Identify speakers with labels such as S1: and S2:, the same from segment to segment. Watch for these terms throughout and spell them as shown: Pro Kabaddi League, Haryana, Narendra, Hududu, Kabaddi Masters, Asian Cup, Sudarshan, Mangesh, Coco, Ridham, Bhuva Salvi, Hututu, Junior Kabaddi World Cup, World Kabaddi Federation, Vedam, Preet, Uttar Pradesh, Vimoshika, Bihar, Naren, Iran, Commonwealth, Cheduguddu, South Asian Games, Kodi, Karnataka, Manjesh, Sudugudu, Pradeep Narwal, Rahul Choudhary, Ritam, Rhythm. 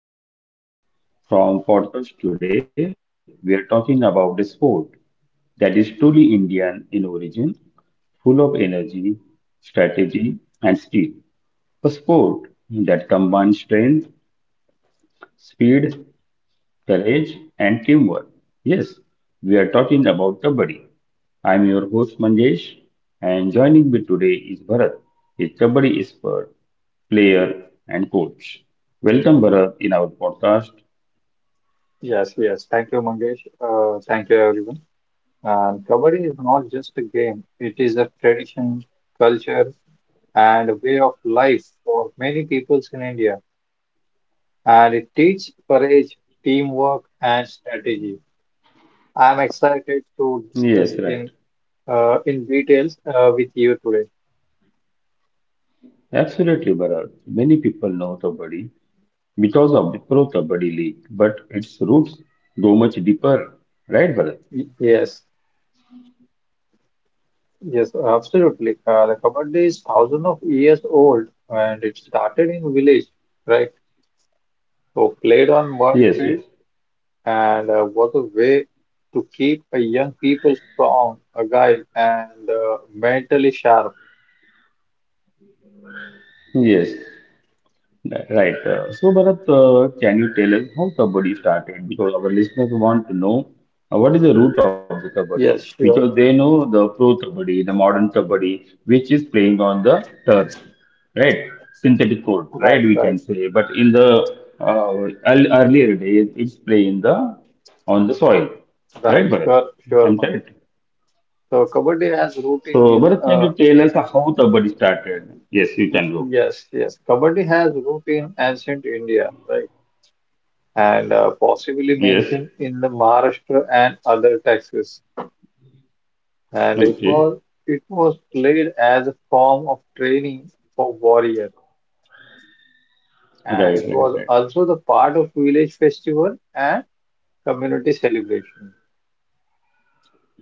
S1: Special launch from podcast today. We are talking about a sport that is truly Indian in origin, full of energy, strategy, and skill. A sport that combines strength, speed, courage, and teamwork. Yes, we are talking about Kabaddi. I'm your host Manjesh, and joining me today is Bharat, a Kabaddi expert, player, and coach. Welcome, Bharat, in our podcast.
S2: Yes, yes. Thank you, Mangesh. Thank you, everyone. And Kabaddi is not just a game, it is a tradition, culture, and a way of life for many peoples in India. And it teaches courage, teamwork, and strategy. I'm excited to
S1: Yes,
S2: discuss
S1: right.
S2: in uh, in details with you today.
S1: Absolutely, Bharat. Many people know Kabaddi because of the Pro Kabaddi League, but its roots go much deeper, right, Bharat?
S2: Y- Yes, yes, absolutely. The Kabaddi is thousands of years old, and it started in village, right? So played on mud
S1: Yes,
S2: fields
S1: yes,
S2: and was a way to keep a young people strong, agile, and mentally sharp.
S1: yes. Right. So, Bharat, can you tell us how Kabaddi started? Because our listeners want to know what is the root of the Kabaddi?
S2: Yes,
S1: Because they
S2: sure.
S1: know the pro Kabaddi, the modern Kabaddi, which is playing on the turf, right? Synthetic court, right?
S2: Right,
S1: We
S2: right,
S1: can say. But in the earlier days, it's playing the on the soil, right,
S2: right.
S1: Bharat?
S2: Sure, sure,
S1: I'm
S2: Mangesh.
S1: correct.
S2: So Kabaddi has root
S1: So,
S2: in
S1: Bharat, can you tell us how Kabaddi started? Yes, you can go.
S2: yes, yes. Kabaddi has root in ancient India, right? And possibly
S1: Yes.
S2: mentioned in the Maharashtra and other taxes. And it
S1: Okay.
S2: was it was played as a form of training for warriors,
S1: Right. Right.
S2: and it
S1: Right.
S2: was also the part of village festival and community celebration.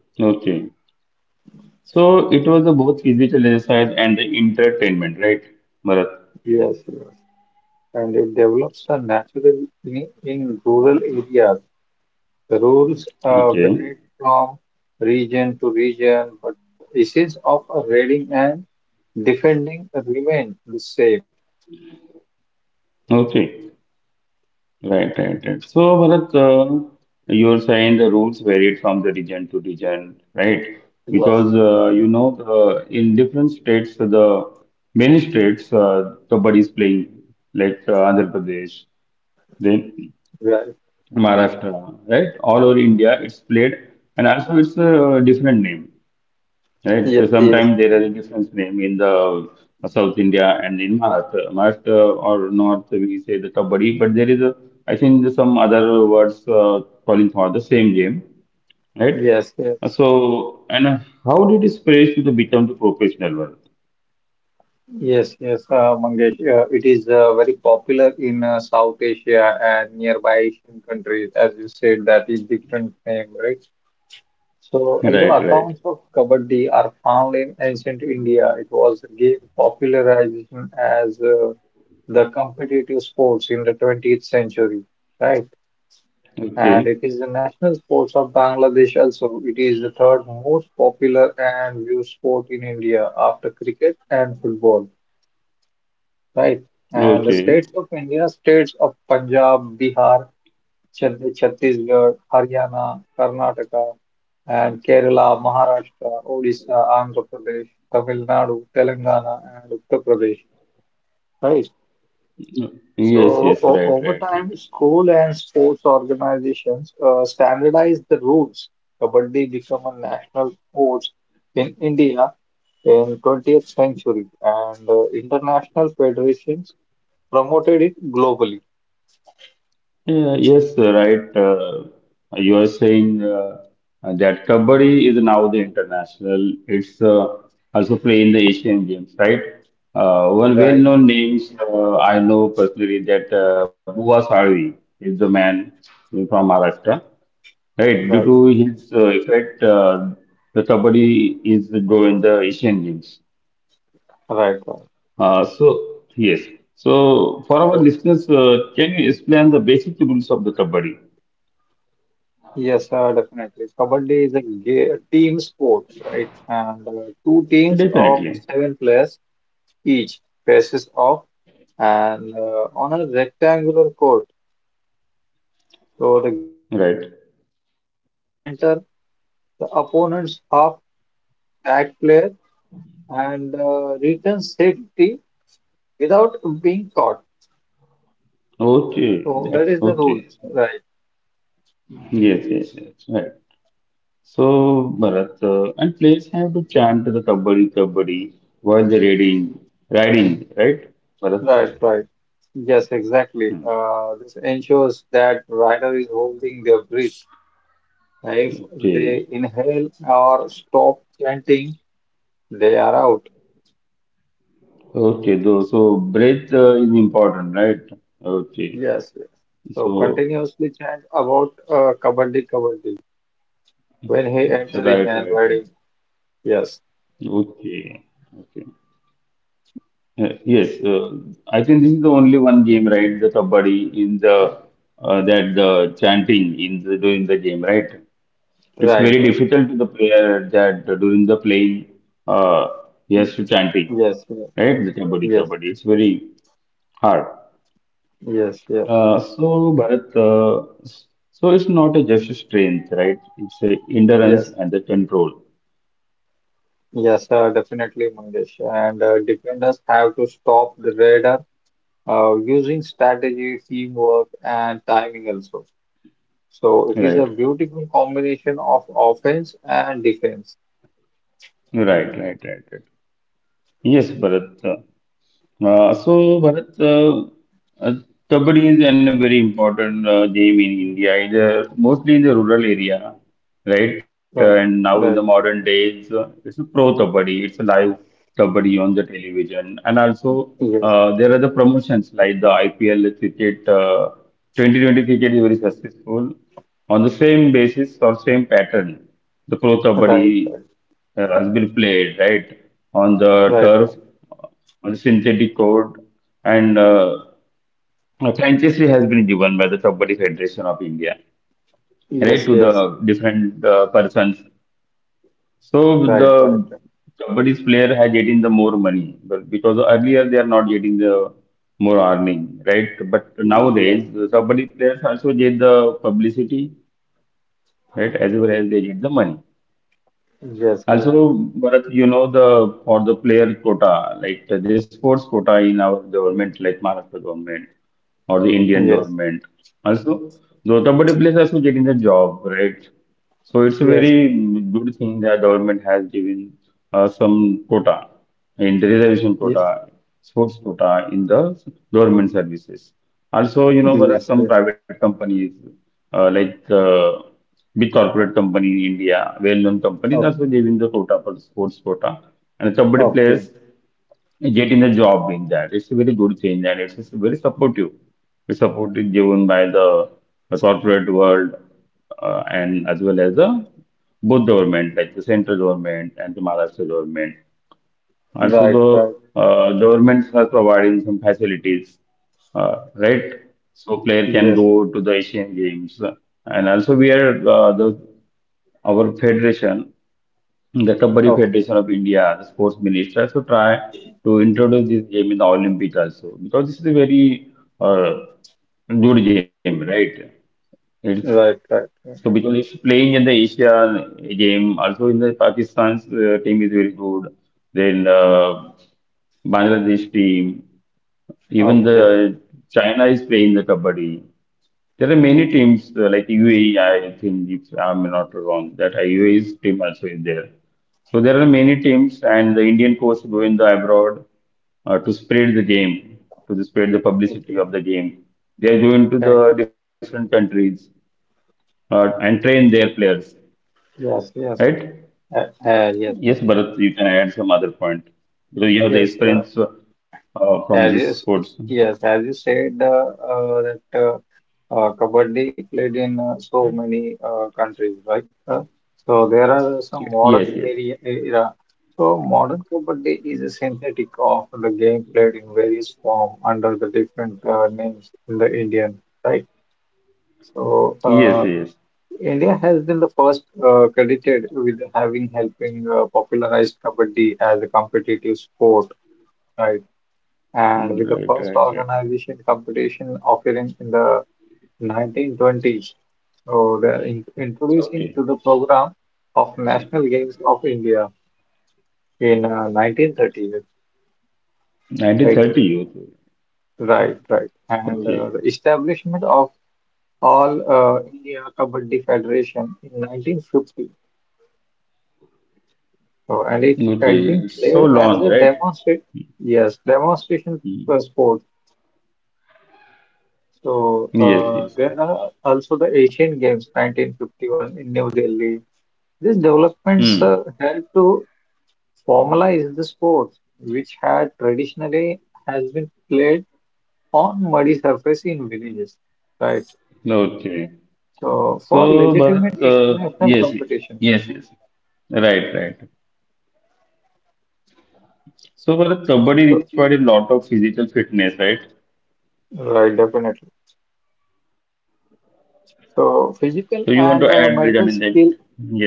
S1: Okay. So it was a both physical exercise and the entertainment, right, Bharat?
S2: Yes, yes. And it develops a natural in rural areas. The rules vary
S1: Okay.
S2: from region to region, but essence of raiding and defending remain the same.
S1: Okay. Right, right, right. So Bharat, you're saying the rules varied from the region to region, right?
S2: Yes.
S1: Because you know, the, in different states, so the many states, kabaddi is playing, like Andhra Pradesh, then
S2: Right.
S1: Maharashtra, right? All over India, it's played, and also it's a different name. Right. So
S2: Yes, yes,
S1: sometimes there is a difference name in the South India and in Maharashtra. Maharashtra or North, we say the kabaddi, but there is a, I think there's some other words calling for the same game, right?
S2: yes, yes.
S1: So, and how did it spread to the become the professional world?
S2: Yes, yes, Mangesh. It is very popular in South Asia and nearby Asian countries, as you said, that is different name, right? So, although
S1: Right, right.
S2: accounts of Kabaddi are found in ancient India, it was gave popularization as the competitive sports in the 20th century, right? And it
S1: Okay,
S2: is the national sports of Bangladesh also. It is the third most popular and viewed sport in India after cricket and football. Right. And the
S1: okay.
S2: states of India, states of Punjab, Bihar, Chhattisgarh, Haryana, Karnataka, and Kerala, Maharashtra, Odisha, Andhra Pradesh, Tamil Nadu, Telangana, and Uttar Pradesh. Right.
S1: Yes,
S2: So
S1: yes,
S2: o
S1: right,
S2: over
S1: right,
S2: time,
S1: right.
S2: school and sports organizations standardized the rules. Kabaddi became a national sport in India in 20th century, and international federations promoted it globally.
S1: Yeah, yes, right. You are saying that Kabaddi is now the international. It's also play in the Asian Games, right? One
S2: Right,
S1: well-known names I know personally that Bhuva Salvi is the man from Maharashtra, right?
S2: right,
S1: Due to his effect, the Kabaddi is growing the Asian Games.
S2: right, right.
S1: So yes. So for our
S2: So
S1: listeners, can you explain the basic rules of the Kabaddi?
S2: yes, definitely. Kabaddi is a team sport, right? And two teams of
S1: Definitely.
S2: seven players each faces off, and on a rectangular court. So the game is
S1: Right.
S2: for a raider to enter the opponent's half tag player and return safety without being caught.
S1: Okay.
S2: So
S1: That,
S2: that is the
S1: okay.
S2: rules, right?
S1: Yes, yes, yes. Right. So, Bharat, and players have to chant the Kabaddi, Kabaddi while they're riding, right, Bharat?
S2: Right, right. Yes, exactly.
S1: Hmm.
S2: This ensures that rider is holding their breath. If
S1: Okay.
S2: they inhale or stop chanting, they are out.
S1: Okay. So, so breath is important, right? Okay.
S2: Yes, yes. So
S1: So,
S2: continuously chant about Kabaddi, Kabaddi when he
S1: right,
S2: entering and
S1: right, right.
S2: riding. Yes,
S1: Okay. Okay. Yes, I think this is the only one game, right? The kabaddi in the that the chanting in the during the game, right? It's very
S2: right, right.
S1: difficult to the player that during the playing, uh, he has to chanting,
S2: Yes, yes,
S1: right? The Kabaddi,
S2: yes,
S1: Kabaddi. It's very hard.
S2: yes, yes,
S1: So Bharat, so it's not a just a strength, right? It's a endurance
S2: yes,
S1: and the control,
S2: yes, definitely, Mangesh. And defenders have to stop the radar using strategy, teamwork, and timing also. So it is a
S1: right?
S2: beautiful combination of offense and defense.
S1: Right, right, right, right. Yes, Bharat. So, Bharat, uh, Kabaddi is an very important game in India, in the, mostly in the rural area, right? And
S2: Right,
S1: now in the
S2: right,
S1: modern days, it's a pro Kabaddi, it's a live Kabaddi on the television. And also,
S2: yes,
S1: there are the promotions like IPL cricket, 2020 cricket is very successful on the same basis or same pattern. The pro Kabaddi
S2: right, right,
S1: has been played, right? On the
S2: right,
S1: turf
S2: right.
S1: on synthetic code, and franchise has been given by the Kabaddi Federation of India, right,
S2: Yes,
S1: to the
S2: yes,
S1: different persons. So
S2: right, right,
S1: the
S2: right.
S1: Kabaddi's player has getting the more money but because earlier they are not getting the more earning, right? But
S2: Yes,
S1: nowadays the Kabaddi players also get the publicity, right, as well as they get the money.
S2: yes, yes,
S1: Also, Bharat, you know the for the player quota, like the sports quota in our government, like Maharashtra government or the Indian
S2: yes,
S1: government. Also, the Kabaddi players also getting the job, right? So it's a very
S2: yes,
S1: good thing that government has given some quota in the reservation
S2: yes,
S1: quota, sports quota in the government services. Also, you know, Bharat,
S2: yes,
S1: some
S2: yes.
S1: private companies like, big corporate company in India, well-known company. Companies are
S2: Okay,
S1: also giving the quota for the sports quota, and somebody
S2: okay,
S1: players getting the job in that. It's a very good thing, and it's very supportive. It's supported given by the corporate world and as well as the both government, like the central government and the Maharashtra government. Also,
S2: right, right,
S1: the governments are providing some facilities, right? So player can
S2: yes,
S1: go to the Asian Games, and also we are the our federation, the Kabaddi Federation
S2: okay,
S1: of India, the sports minister, also try to introduce this game in the Olympic also because this is a very uh, good game, right? It's
S2: right, right, right.
S1: so because it's playing in the Asia game, also in the Pakistan's team is very good. Then Bangladesh team, even
S2: Okay,
S1: the China is playing the kabaddi. There are many teams like UAE, I think, if I'm not wrong, that UAE's team also is there. So there are many teams, and the Indian coach going the abroad to spread the game, to spread the
S2: thank
S1: publicity
S2: you,
S1: of the game. They are going to
S2: thank
S1: the different countries and train their players,
S2: you. Yes, yes,
S1: right?
S2: uh,
S1: Yes,
S2: yes, thank
S1: Bharat,
S2: you.
S1: you can add some other point because you have the
S2: Yes.
S1: experience from this
S2: As
S1: sports.
S2: you, s- yes, as you said, that Kabaddi played in so many countries, right? So there are
S1: Yes,
S2: some
S1: yes,
S2: era. So modern Kabaddi is a synthetic of the game played in various form under the different names in the Indian, right? So
S1: yes, yes.
S2: India has been the first credited with having helping popularize Kabaddi as a competitive sport, right?
S1: Mm,
S2: And with
S1: right,
S2: the
S1: right,
S2: first
S1: right.
S2: organization competition occurring in the 1920s. So they're in introducing
S1: Okay.
S2: to the program of National Games of India in 1930. Right,
S1: 1930. Okay.
S2: right, right. And
S1: Okay.
S2: the establishment of All India Kabaddi Federation in 1950. So, and it had been
S1: Okay. So
S2: played as a
S1: long, right?
S2: demonstration, yes, demonstration
S1: Mm.
S2: sport. So
S1: Yes, yes, yes.
S2: there are also the Asian Games 1951 in New Delhi. These developments
S1: Hmm.
S2: helped to formalize the sport, which had traditionally has been played on muddy surface in villages, right?
S1: Okay.
S2: So for
S1: So,
S2: legitimate
S1: Bharat,
S2: international
S1: yes,
S2: competition.
S1: yes, yes. Right, right. So, Bharat, Kabaddi
S2: So,
S1: required a lot of physical fitness, right?
S2: right, definitely. So
S1: So, you
S2: physical
S1: want to
S2: and
S1: add regarding
S2: mental
S1: that?
S2: skill,
S1: Yes.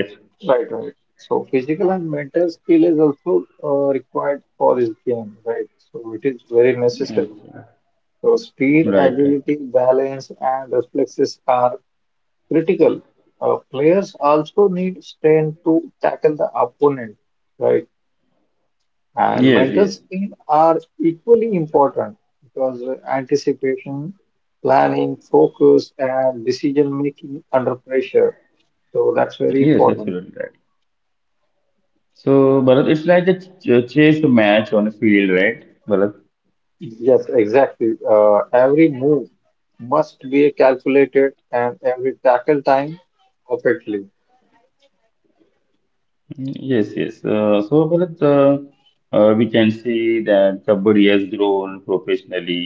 S2: right, right. So physical and mental skill is also required for this game, right? So it is very necessary.
S1: Okay.
S2: So speed,
S1: Right, right.
S2: agility, balance, and reflexes are critical. Players also need strength to tackle the opponent, right? And
S1: Yes,
S2: mental
S1: yes.
S2: skill are equally important because anticipation, planning, focus, and decision making under pressure. So that's very
S1: Yes,
S2: important.
S1: absolutely right. So, Bharat, it's like a chess match on a field, right? Bharat?
S2: Yes, exactly. Every move must be calculated and every tackle time perfectly.
S1: Mm, yes, yes. So, Bharat, we can see that Kabaddi has grown professionally,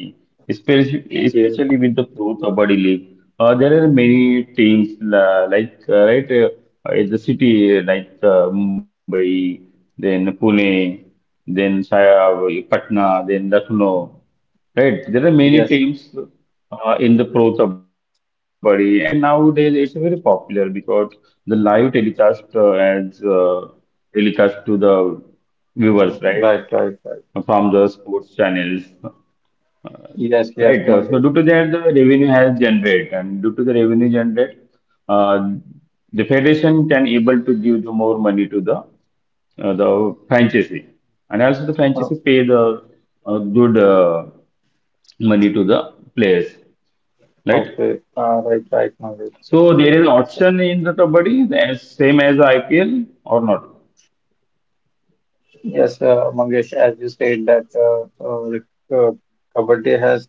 S1: especially,
S2: Yes,
S1: especially with the Pro Kabaddi League. There are many teams like, in the city like Mumbai, then Pune, then Shaya, Patna, then Lucknow. Right, there are many
S2: yes.
S1: teams in the pro kabaddi, and nowadays it's very popular because the live telecast adds telecast to the viewers, right,
S2: Right, right,
S1: from
S2: right.
S1: the sports channels, right.
S2: Yes,
S1: So
S2: yes,
S1: due to
S2: Mangesh.
S1: that, the revenue has generated, and due to the revenue generated, uh, the federation can able to give the more money to the franchisee, and also the
S2: Oh,
S1: franchisee pay the good money to the players right?
S2: okay, right, right, Mangesh.
S1: So there is option in the Kabaddi, as same as IPL or not?
S2: Yes, Mangesh, as you said that Kabaddi has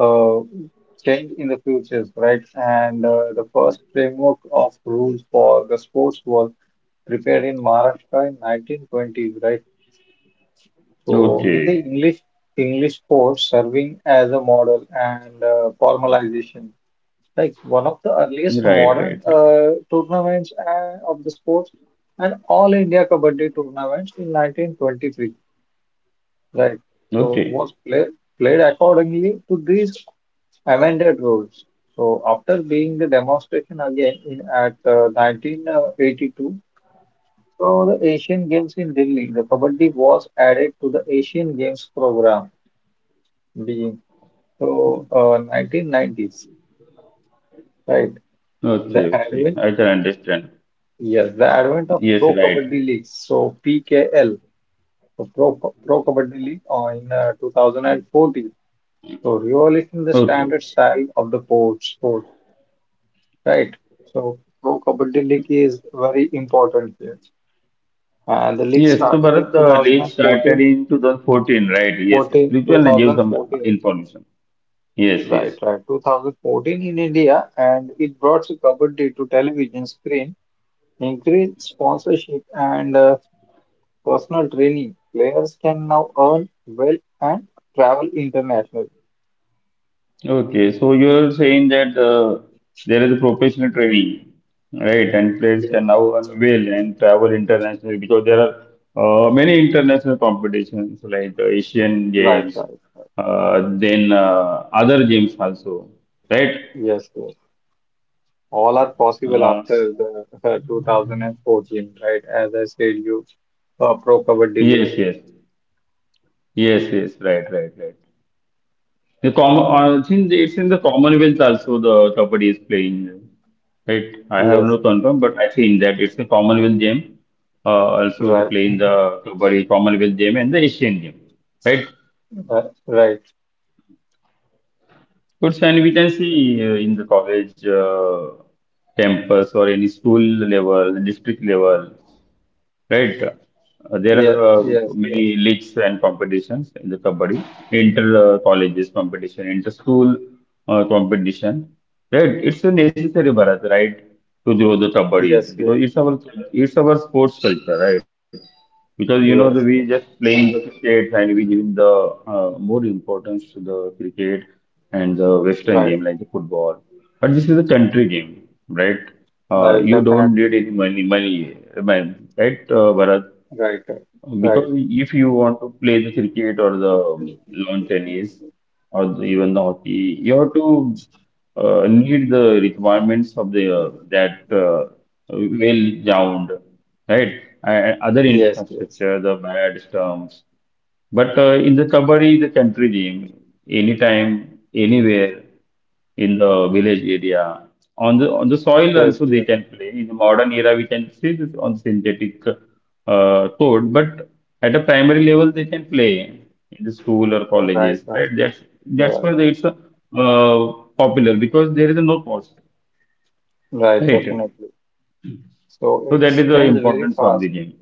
S2: uh, changed in the futures, right? And the first framework of rules for the sports was prepared in Maharashtra in 1920s, right? So with the
S1: Okay,
S2: English sports serving as a model and formalization. Like one of the
S1: right,
S2: earliest
S1: right, right.
S2: modern tournaments of the sport and All India Kabaddi tournaments in 1923, right? So
S1: Okay,
S2: was played accordingly to these amended rules. So after being the demonstration again in at 1982, so the Asian Games in Delhi, the Kabaddi was added to the Asian Games program being so 1990s, right?
S1: okay,
S2: The
S1: okay.
S2: advent
S1: I can understand.
S2: Yes, the advent of
S1: Yes,
S2: Pro
S1: right.
S2: Kabaddi League, so PKL, so Pro Kabaddi League in 2014, so revolution the
S1: Okay.
S2: standard style of the port sport, right? So Pro Kabaddi League is very important here, and the league
S1: Yes, so
S2: started in
S1: Bharat,
S2: two
S1: the
S2: thousand
S1: league
S2: and
S1: started
S2: fourteen,
S1: in 2014, right? Yes, yes.
S2: 14
S1: Please
S2: two
S1: can give
S2: thousand
S1: some
S2: fourteen.
S1: information. Yes, yes.
S2: Right, right, 2014 in India, and it brought Kabaddi to television screen, increased sponsorship and personal training. Players can now earn well and travel internationally.
S1: Okay, so you're saying that there is a professional training, right? And players
S2: Yes.
S1: can now avail and travel internationally because there are many international competitions like the Asian
S2: Right,
S1: Games,
S2: right.
S1: then other games also, right?
S2: Yes, yes. All are possible
S1: Uh,
S2: after the 2014, right? As I said, you Pro Kabaddi League.
S1: yes, yes, yes, yes, right, right, right. The common, I think it's in the Commonwealth also the Kabaddi is playing, right? I have
S2: Yes,
S1: no confirm, but I think that it's a Commonwealth game. Also the
S2: right,
S1: playing the Kabaddi Commonwealth game and the Asian game, right?
S2: uh, right.
S1: Good, and we can see in the college campus or any school level, district level. Right. There are
S2: Yeah, yes, yes,
S1: many leagues and competitions in the kabaddi, inter colleges competition, inter school competition. Right. It's a necessary, Bharat, right, to grow the kabaddi
S2: yes, yes,
S1: because it's our sports culture, right? Because you know the we
S2: yes.
S1: just playing the cricket and we giving the more importance to the cricket and the Western
S2: Right,
S1: game like the football. But this is a country game, right?
S2: right.
S1: You don't
S2: Definitely.
S1: need any money, money, man, right, Bharat?
S2: Right, right, right.
S1: Because if you want to play the cricket or the lawn tennis or the, even the hockey, you have to need the requirements of the that well ground, right? And other
S2: Yes, yes,
S1: infrastructure, the bad stumps. But in the Kabaddi, the country game, anytime, anywhere in the village area, on the soil
S2: yes,
S1: also they
S2: yes.
S1: can play. In the modern era, we can see this on synthetic court, but at a primary level they can play in the school or
S2: Right,
S1: colleges,
S2: right,
S1: right? That's why
S2: right,
S1: it's popular because there is no cost,
S2: right.
S1: right?
S2: Definitely. So
S1: So that
S2: it's
S1: is the
S2: changed very
S1: importance of
S2: fast.
S1: the game.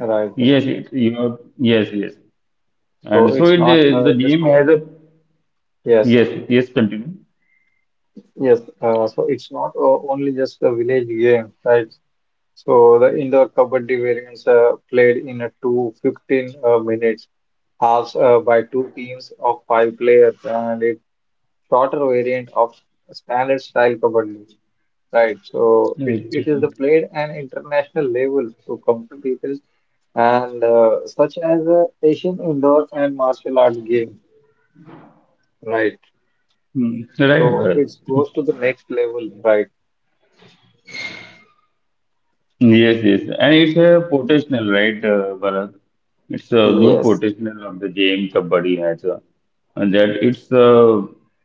S2: Right, right.
S1: Yes, it, you are, yes, yes. And
S2: So
S1: so
S2: it's
S1: it,
S2: not
S1: the
S2: just
S1: game
S2: o-
S1: has a
S2: yes,
S1: yes, yes, continue.
S2: yes. So it's not only just a village game, right? So the indoor kabaddi variants played in a 2 15 minutes halves by two teams of five players and a shorter variant of standard style kabaddi, right? So it is
S1: Okay.
S2: the played an international level to competitors and such as Asian indoor and martial arts game, right?
S1: Mm, right,
S2: So
S1: Bharat.
S2: it goes to the next level, right?
S1: Yes, yes. And it's a potential, right, Bharat? It's a good
S2: Yes,
S1: potential of the game Kabaddi has. And that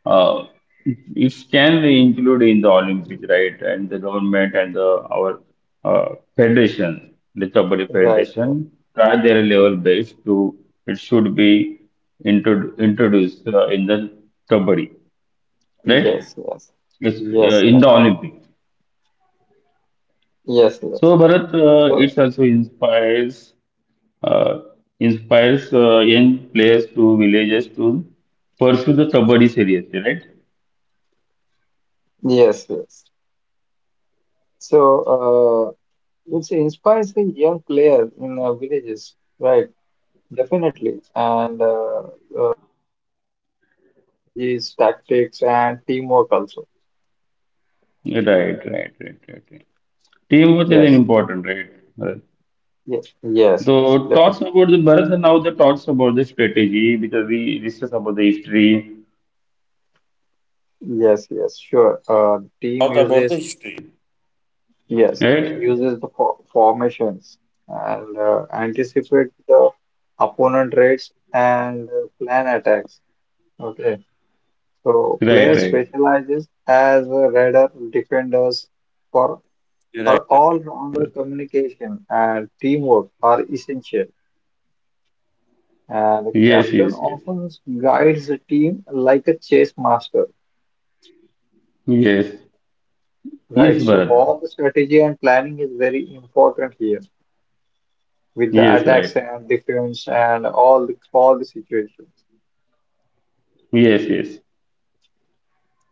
S1: uh, it it can be included in the Olympics, right? And the government and the our federation, the Kabaddi
S2: right, right.
S1: Federation, try their level best to it should be introduced in the Kabaddi, right?
S2: Yes, yes,
S1: Yes,
S2: yes,
S1: in the Olympics.
S2: yes, yes.
S1: So Bharat,
S2: So,
S1: it also inspires uh, inspires young players to villages to pursue the kabaddi seriously, right?
S2: yes, yes. So, it inspires the young players in villages, right? Definitely. And there are so many strategies, tactics, and teamwork also.
S1: Right, right, right, right, right. Teamwork is an
S2: Yes,
S1: important, right? Bharat?
S2: yes, yes, yes,
S1: So talks
S2: definitely.
S1: about the Bharat and now the talks about the strategy because we discuss about the history.
S2: Yes, yes, sure. Team uses Yes, yes. Uses the formations and anticipate the opponent raids and plan attacks. Okay, so player
S1: Right,
S2: specializes
S1: right.
S2: as a radar defenders for or
S1: Right.
S2: all-rounder communication and teamwork are essential. And the
S1: Yes, yes,
S2: captain
S1: yes.
S2: often guides the team like a chess master,
S1: Yes. Yes,
S2: right? So
S1: Bharat.
S2: all the strategy and planning is very important here, with the
S1: Yes, right.
S2: attacks and defense and all the situations.
S1: Yes, yes.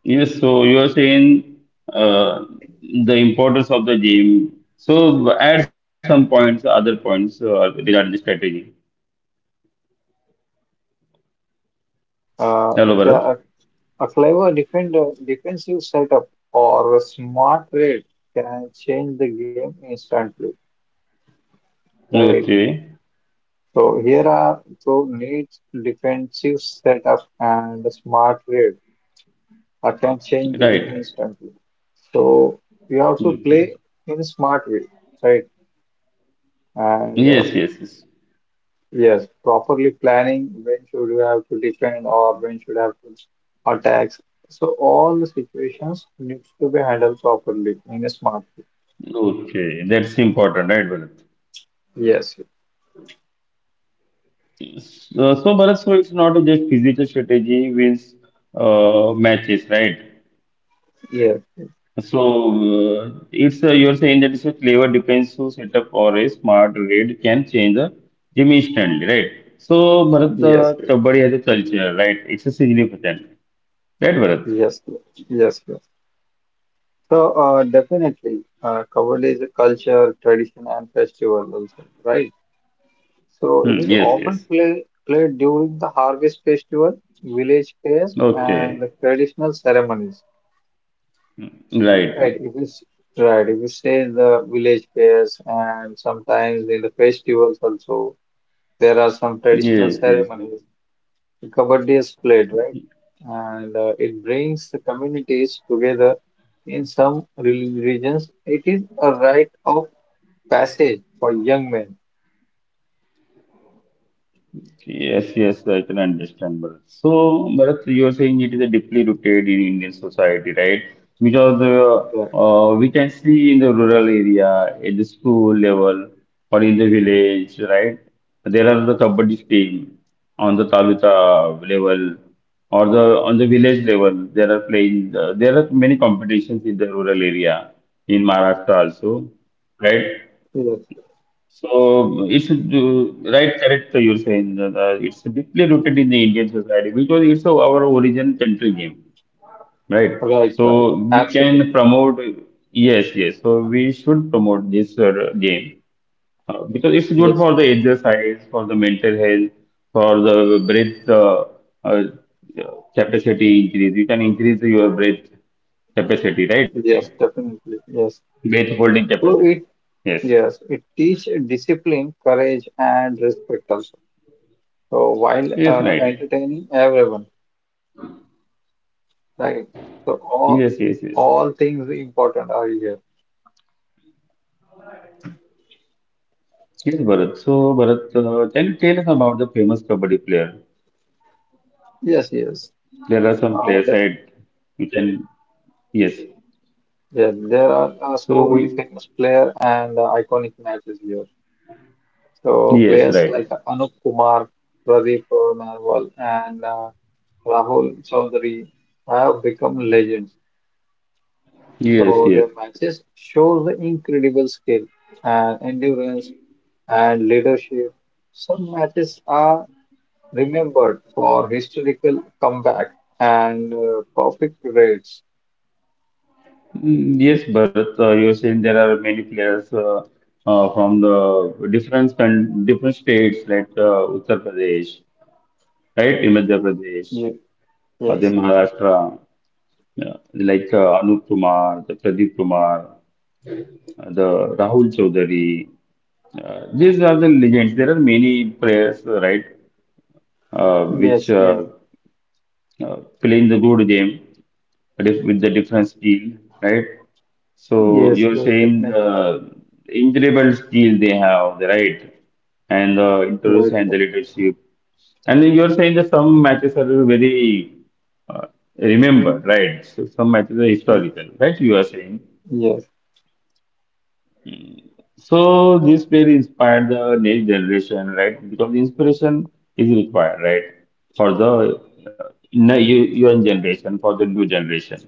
S1: Yes, so you are saying uh, the importance of the gym. So add some points, other points regarding the strategy.
S2: Yes, definitely. A,
S1: Hello,
S2: ca-
S1: Bharat.
S2: a clever defender, defensive setup or a smart raid can change the game instantly, right?
S1: Okay.
S2: So here are so needs defensive setup and a smart raid that can change the game
S1: Right.
S2: instantly. So we also play
S1: Okay.
S2: in a smart way, right? And
S1: Yes, yes, yes.
S2: yes, properly planning when should you have to defend or when should have to attacks. So all the situations needs to be handled properly in a smart way.
S1: Okay. That's important, right, Bharat?
S2: Yes,
S1: So Bharat, so it's not just physical strategy wins matches, right?
S2: yes,
S1: So, it's you're saying that it's a flavor depends who set up or a smart read can change the gym instantly, right? So, Bharat,
S2: yes,
S1: Kabaddi has a culture, right? It's a significant, right, Bharat?
S2: yes, yes, yes. So definitely, covered is a culture, tradition, and festival also, right? So it
S1: Hmm,
S2: is
S1: yes,
S2: often
S1: yes.
S2: played during the harvest festival, village fairs, and the
S1: Okay,
S2: traditional ceremonies. Right,
S1: right.
S2: if you s- right, if you say the village fairs and sometimes in the festivals also, there are some traditional
S1: Yes, yes.
S2: ceremonies. The kabaddi is played, right? And it brings the communities together. In some regions, it is a rite of passage for young men.
S1: Yes, yes, I can understand, Bharat. So, Bharat, you are saying it is a deeply rooted in Indian society, right? Because
S2: Right,
S1: we can see in the rural area, at the school level, or in the village, right? There are the kabaddi team on the taluka level, or the on the village level. There are playing. There are many competitions in the rural area in Maharashtra also, right?
S2: yes,
S1: So it's right, correct. You're saying that it's deeply rooted in the Indian society because it's our origin country game, right?
S2: right, right,
S1: So we can
S2: absolutely.
S1: promote. Yes, yes. So we should promote this game because it's good
S2: Yes,
S1: for the
S2: yes,
S1: exercise, for the mental health, for the breath uh, capacity increase. You can increase your breath capacity, right?
S2: yes, definitely. Yes.
S1: Breath holding capacity.
S2: So it,
S1: Yes.
S2: yes, it teach discipline, courage, and respect also. So
S1: Yes,
S2: while
S1: right.
S2: entertaining everyone, right? So
S1: Yes, yes, yes.
S2: all things important are here.
S1: Yes, Bharat. So, Bharat, can you tell us about the famous kabaddi player?
S2: Yes, yes.
S1: There are some
S2: Uh,
S1: players,
S2: the,
S1: right? You can, yes.
S2: there are
S1: So,
S2: so many famous player and iconic matches here. So players
S1: yes,
S2: like
S1: right.
S2: Anup Kumar, Pradeep Narwal, and Rahul Chaudhary have become legends. So their
S1: Yes, yes.
S2: matches show the incredible skill and endurance and leadership. Some matches are remembered for historical comeback and perfect rates.
S1: Mm, yes, Bharat, you're saying there are many players from the different states like Uttar Pradesh, right? In Madhya Pradesh,
S2: Ye-
S1: or the
S2: Yes, yes,
S1: Maharashtra, like Anup Kumar, the Pradeep Kumar, the Rahul Choudhary. These are the legends. There are many players, right, which
S2: yes, yes,
S1: uh, play in the good game with the different steel, right? So
S2: yes,
S1: you're
S2: yes,
S1: saying
S2: definitely.
S1: incredible steel they have, right, and the interest
S2: Right,
S1: and the
S2: right.
S1: leadership. And then you're saying that some matches are very uh, remembered, right? So some matches are
S2: Y-
S1: historical, right? You are saying.
S2: Yes,
S1: So this will inspire the next generation, right? Because inspiration is required, right? For the young generation, for the new generation,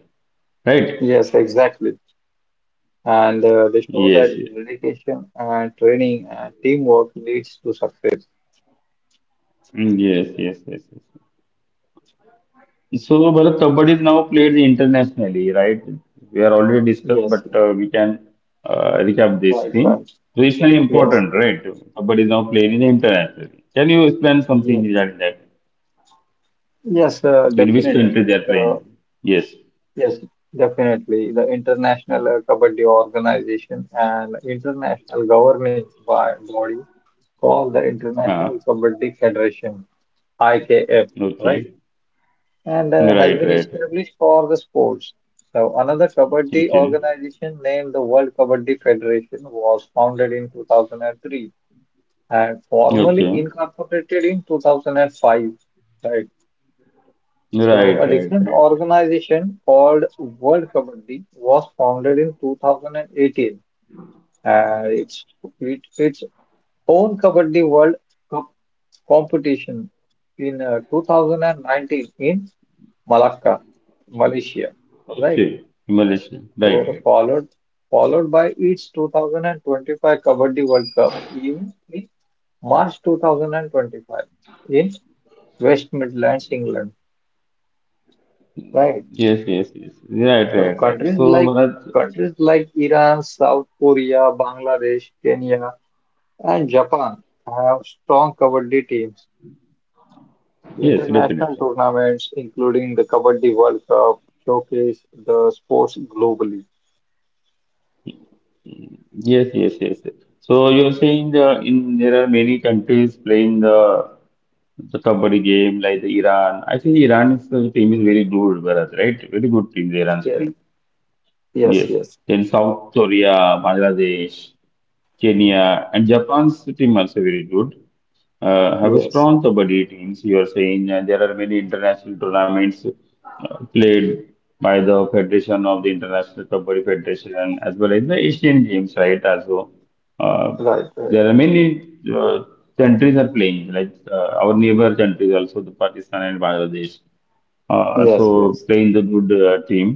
S1: right?
S2: yes, exactly. And they show
S1: Yes,
S2: that
S1: yes,
S2: dedication and training and teamwork leads to success.
S1: yes, yes, yes, yes. So Bharat, Kabaddi is now played internationally, right? We are already discussed,
S2: Yes,
S1: but
S2: yes,
S1: we can recap this
S2: right,
S1: thing.
S2: right.
S1: So
S2: Yes,
S1: important, right? Kabaddi is now played in internationally. Can you explain something
S2: yes,
S1: regarding that?
S2: yes,
S1: In which
S2: definitely.
S1: country they are
S2: The
S1: playing? Yes.
S2: yes, definitely. The international kabaddi organization and international governing by body called the International
S1: Uh-huh.
S2: Kabaddi Federation (IKF), right?
S1: Okay.
S2: And has
S1: Right,
S2: been
S1: right, right.
S2: established for the sports. So another Kabaddi
S1: Okay.
S2: organization named the World Kabaddi Federation was founded in 2003 and formally
S1: Okay.
S2: incorporated in 2005, right?
S1: Right,
S2: So a
S1: right,
S2: different
S1: right, right.
S2: organization called World Kabaddi was founded in 2018. And its own Kabaddi World competition in 2019 in Malacca, Malaysia, right?
S1: Okay. Malaysia. Right,
S2: So
S1: right.
S2: followed by its 2025 Kabaddi World Cup in March 2025 in West Midlands, England, right?
S1: Yes, yes, yes. Right,
S2: So
S1: right, right.
S2: countries
S1: So,
S2: like
S1: Bharat,
S2: countries like Iran, South Korea, Bangladesh, Kenya, and Japan have strong Kabaddi teams. The
S1: yes,
S2: international
S1: definitely.
S2: tournaments, including the Kabaddi World Cup, showcase the sports globally.
S1: Yes, yes, yes, yes. So you're saying the in there are many countries playing the kabaddi game like the Iran. I think Iran is the team is very good, Bharat, right? Very good team the Iran
S2: Yes,
S1: string.
S2: yes,
S1: Yes.
S2: yes,
S1: Then South Korea, Bangladesh, Kenya, and Japan's team also very good. Have a
S2: yes.
S1: strong kabaddi teams. You are saying there are many international tournaments played by the Federation of the International Kabaddi Federation and as well as the Asian Games, right? Also, uh,
S2: Right, right.
S1: there are many countries are playing, like our neighbor countries also, the Pakistan and Bangladesh, also
S2: Yes, yes.
S1: playing the good team.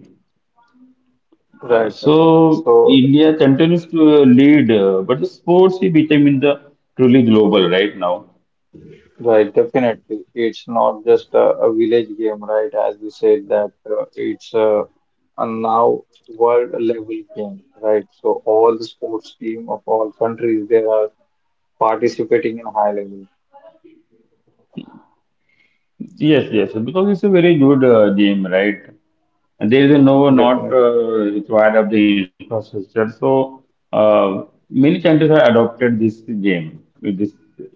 S2: Right, right.
S1: So
S2: So,
S1: India continues to lead, but the sports is becoming the truly global right now.
S2: right, definitely, it's not just a village game, right? As we said that it's a now world level game, right? So all the sports team of all countries they are participating in high level.
S1: Yes, yes, because it's a very good game, right? And there is a no not
S2: Definitely,
S1: required of the infrastructure. So uh, many countries have adopted this game. With This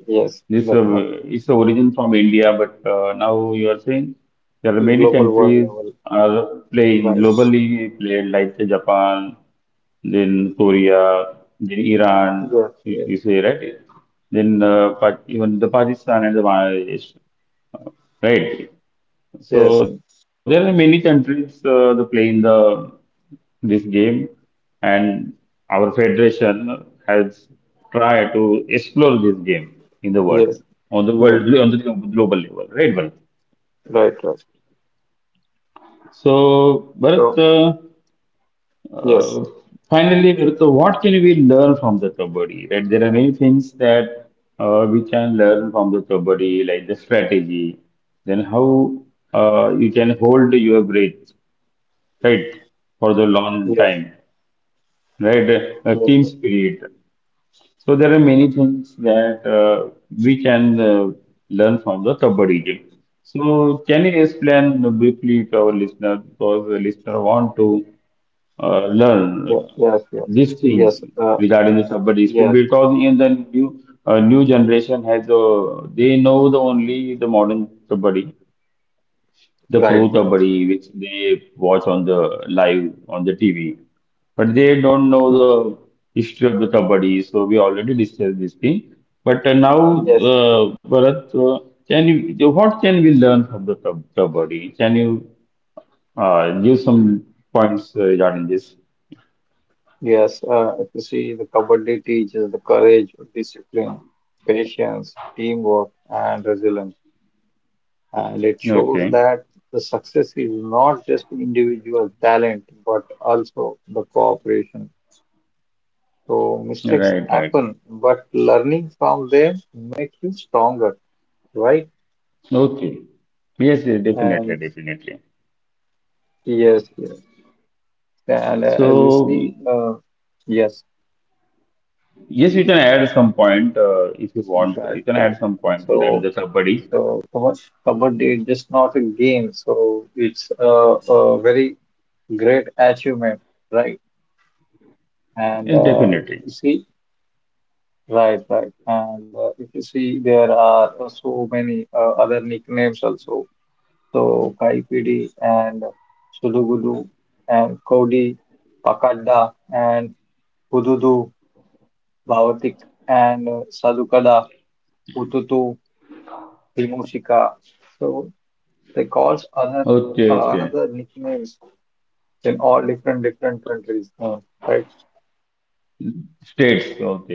S2: yes,
S1: this
S2: definitely.
S1: its origin from India, but now you are saying there are many
S2: Global world
S1: countries
S2: level,
S1: are playing
S2: right?
S1: globally played like Japan, then Korea, then Iran.
S2: Yes,
S1: You,
S2: yes,
S1: you say right? Then even the Pakistan and the Bangladesh, right? So
S2: yes,
S1: there are
S2: yes,
S1: many countries that play in the this game, and our federation has tried to explore this game in the world
S2: yes,
S1: on the world
S2: yes,
S1: on the global level, right, Bharat?
S2: right, right.
S1: So, Bharat,
S2: So, yes,
S1: uh, finally, Bharat, so what can we learn from the Kabaddi? Right, there are many things that we can learn from the Kabaddi, like the strategy, then how you can hold your breath, right, for the long
S2: yes,
S1: time, right, a
S2: yes,
S1: team
S2: yes,
S1: spirit. So there are many things that we can learn from the kabaddi game. So can you explain briefly to our listener because the listener want to learn
S2: yes, yes,
S1: these things
S2: yes,
S1: regarding the kabaddi spirit
S2: yes,
S1: because in the new new generation has they know the only the modern kabaddi the pro
S2: right, right.
S1: kabaddi, which they watch on the live on the TV, but they don't know
S2: Mm,
S1: the history of the kabaddi. So we already discussed this thing. But now,
S2: yes,
S1: Bharat, can you what can we learn from the kabaddi? Can you give some points regarding this?
S2: yes, if you see the Kabaddi teaches the courage, discipline, patience, teamwork, and resilience. And it shows
S1: Okay,
S2: that the success is not just individual talent, but also the cooperation. So
S1: right,
S2: mistakes
S1: right, right.
S2: happen, but learning from them makes you stronger, right?
S1: Okay. Yes, yes, definitely,
S2: And
S1: definitely.
S2: yes, yes. And as you
S1: So,
S2: see, yes,
S1: yes, you can add some point if you want.
S2: right,
S1: You can add
S2: right.
S1: some point regarding
S2: So,
S1: the kabaddi.
S2: so Kabaddi is just not a game. So it's a very great achievement, right? And
S1: Yes,
S2: if
S1: definitely.
S2: you see, right, right. And if you see, there are so many other nicknames also. So Kaipidi and Sudugudu and Kodi, Pakadda and Hududu. Bhavatik and Sadhukada, Hututu, Vimoshika. So they calls other
S1: Okay, okay.
S2: another nicknames in all different countries, right?
S1: States, okay.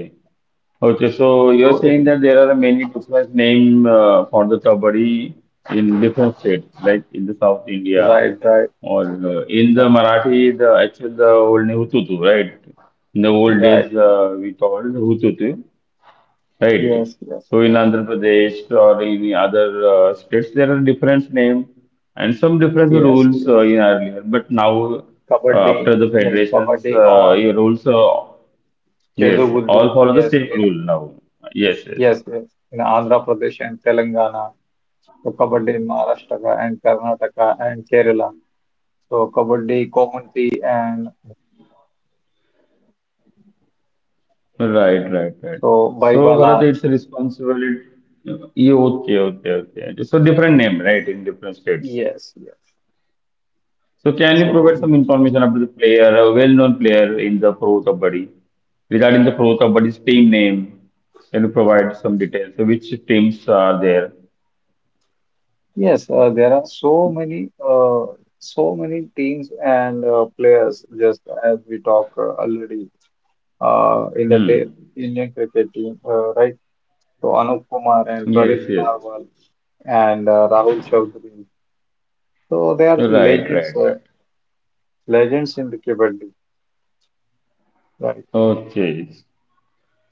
S1: Okay, so you're
S2: So it
S1: saying that there are many different name for the Kabaddi in different states, like in the South India
S2: right, right,
S1: or in
S2: uh,
S1: the Marathi, the actual the old name Hututu, right? In the old days,
S2: right.
S1: we called Hututu. Right.
S2: Yes, yes,
S1: So in Andhra Pradesh or in other states, there are different name and some different
S2: yes,
S1: rules
S2: yes.
S1: in earlier. But now,
S2: Kabaddi,
S1: after the
S2: yes,
S1: federations,
S2: Kabaddi or
S1: your rules, yes,
S2: Cheduguddu,
S1: all follow the
S2: yes,
S1: same
S2: in,
S1: rule now. Yes, yes.
S2: yes, yes. In Andhra Pradesh and Telangana, so Kabaddi in Maharashtra and Karnataka and Kerala. So Kabaddi, Komunti and
S1: Right, right, right.
S2: So
S1: So
S2: Vaibala,
S1: Bharat, it's a responsibility. Yeah, okay, okay, so different name, right, in different states.
S2: yes, yes.
S1: So can you provide
S2: So
S1: some information about the player, a well-known player in the pro kabaddi regarding the pro kabaddi's team name? Can you provide some details? So which teams are there?
S2: yes, there are so many, so many teams and players. Just as we talk already uh, in the ta-
S1: Hmm.
S2: Indian cricket team, right? So Anup Kumar and
S1: Yes,
S2: Pradeep
S1: yes.
S2: Narwal and Rahul Chaudhary. So they are the
S1: Right, right,
S2: legends,
S1: right.
S2: uh, legends in the Kabaddi, right?
S1: Okay.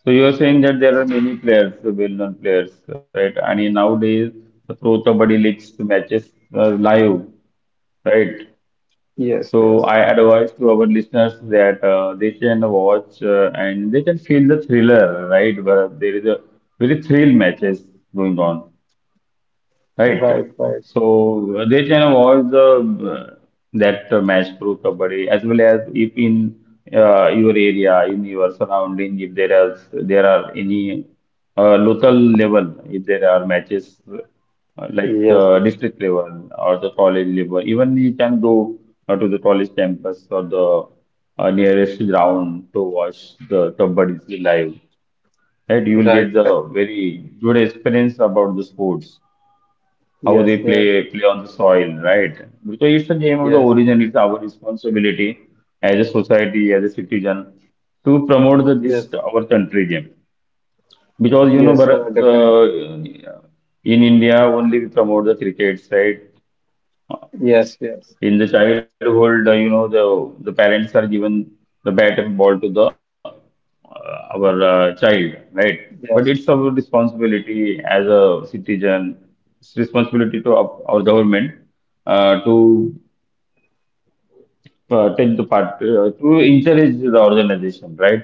S1: So you are saying that there are many players, the well-known players, right? And in nowadays the pro kabaddi leagues matches live, right?
S2: Yes,
S1: So
S2: yes,
S1: I advise to our listeners that they can watch and they can feel the thriller, right? Where there is a very thrill matches going on. Right.
S2: right, right.
S1: So they can avoid the uh, that match through kabaddi as well as if in your area, in your surrounding, if there are any local level, if there are matches like
S2: Yes,
S1: district level or the college level, even you can go to the college campus or the nearest ground to watch the kabaddi live. Right, you
S2: yes,
S1: will
S2: right,
S1: get
S2: right.
S1: the very good experience about the sports how they
S2: Yes, yes,
S1: play on the soil, right? Because it's the game of the
S2: yes,
S1: origin. It's our responsibility as a society, as a citizen, to promote this
S2: yes,
S1: our country game. Because you know,
S2: yes,
S1: Bharat,
S2: definitely.
S1: in India only we promote the cricket, right?
S2: Yes, yes.
S1: In the childhood, you know, the parents are given the bat and ball to the our child, right? But it's
S2: Yes,
S1: our responsibility as a citizen. It's responsibility to our government to take the part to encourage the organization, right?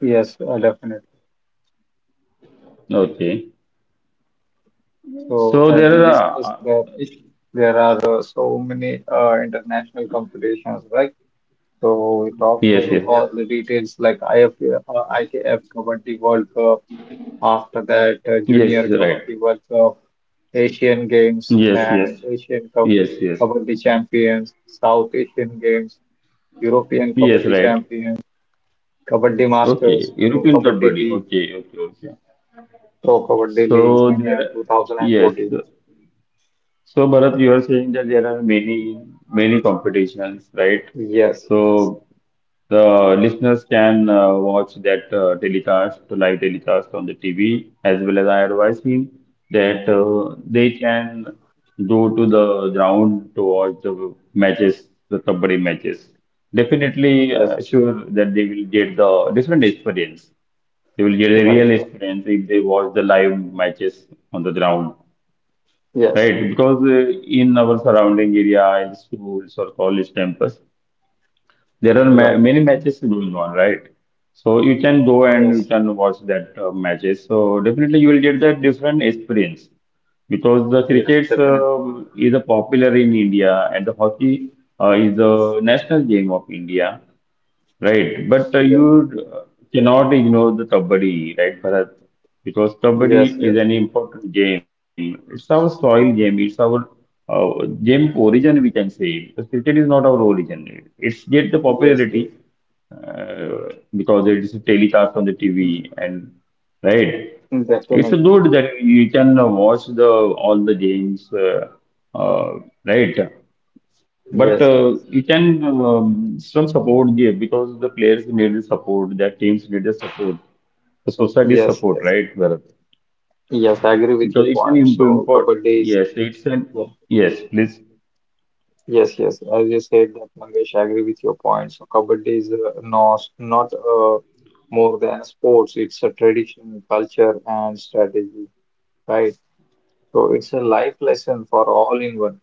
S2: yes, definitely.
S1: Okay.
S2: So
S1: So
S2: as we
S1: there
S2: discussed
S1: are
S2: that there are so many international competitions, right? So we talk
S1: yes, yes, yes,
S2: all the details like IF, IKF Kabaddi World Cup, after that
S1: yes,
S2: Junior
S1: right.
S2: Kabaddi World Cup, Asian Games
S1: Yes,
S2: and
S1: yes,
S2: Asian Cup
S1: yes, yes,
S2: Kabaddi Champions, South Asian Games, European
S1: yes,
S2: Kabaddi
S1: right.
S2: Champions, Kabaddi
S1: Okay,
S2: Masters, Pro
S1: European club
S2: Kabaddi
S1: buddy.
S2: League,
S1: Okay, okay, okay.
S2: Pro Kabaddi Leagues
S1: So
S2: in
S1: there, yes.
S2: 2014.
S1: So Bharat, you are saying that there are many, many competitions, right?
S2: Yes.
S1: So the listeners can watch that telecast, live telecast on the TV, as well as I advise him that they can go to the ground to watch the matches, the kabaddi matches. Definitely,
S2: Yes,
S1: sure that they will get the different experience. They will get a
S2: right.
S1: real experience if they watch the live matches on the ground,
S2: Yes,
S1: right? Because in our surrounding area, in schools or college campus, there are ma
S2: right.
S1: many matches going on, right? So you can go and you
S2: Yes,
S1: can watch that matches. So definitely you will get that different experience because the
S2: yes,
S1: cricket
S2: definitely.
S1: is a popular in India and the hockey is a national game of India. Right, but
S2: Yes,
S1: you cannot ignore the Kabaddi, right, Bharat? Because
S2: yes,
S1: Kabaddi is
S2: yes,
S1: an important game. It's our soil game. It's our game origin, we can say. Because cricket is not our origin. It's get the
S2: yes, yes.
S1: popularity because it is telecast on the TV and right.
S2: Mm,
S1: It's
S2: definitely.
S1: good that you can watch the all the games, uh, right? But
S2: Yes, yes,
S1: you can some support give because the players need the support, their teams need the support, the society
S2: yes,
S1: support,
S2: yes.
S1: right, Bharat?
S2: Yes, I agree with your
S1: Because it's an
S2: point. So
S1: important,
S2: Kabaddi is
S1: yes, it's an,
S2: yeah.
S1: yes, please,
S2: Yes, yes. As you said that Mangesh, I agree with your point. So Kabaddi is not not more than sports. It's a tradition, culture, and strategy, right? So it's a life lesson for all in one.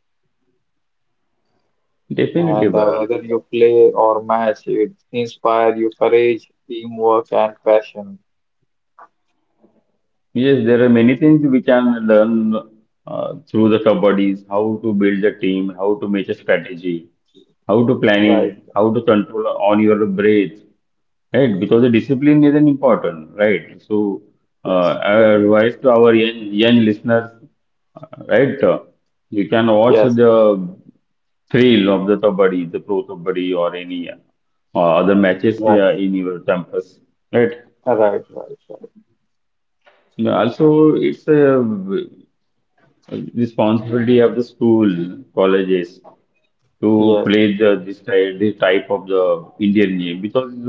S1: definitely,
S2: And
S1: Bharat.
S2: whether you play or match, it inspires you courage, teamwork, and passion.
S1: Yes, there are many things we can learn through the kabaddi, how to build a team, how to make a strategy, how to
S2: Right.
S1: planning, how to control on your breath. Right, because the discipline is an important, right? So,
S2: Yes.
S1: I
S2: Definitely.
S1: advise to our young listeners, uh, right? uh, you can watch
S2: Yes.
S1: the thrill of the Kabaddi, the pro Kabaddi, or any other matches
S2: Right.
S1: in your campus, right?
S2: Right. Right. Right.
S1: And also, it's a responsibility of the school, colleges, to
S2: Yes.
S1: play this type of the Indian game because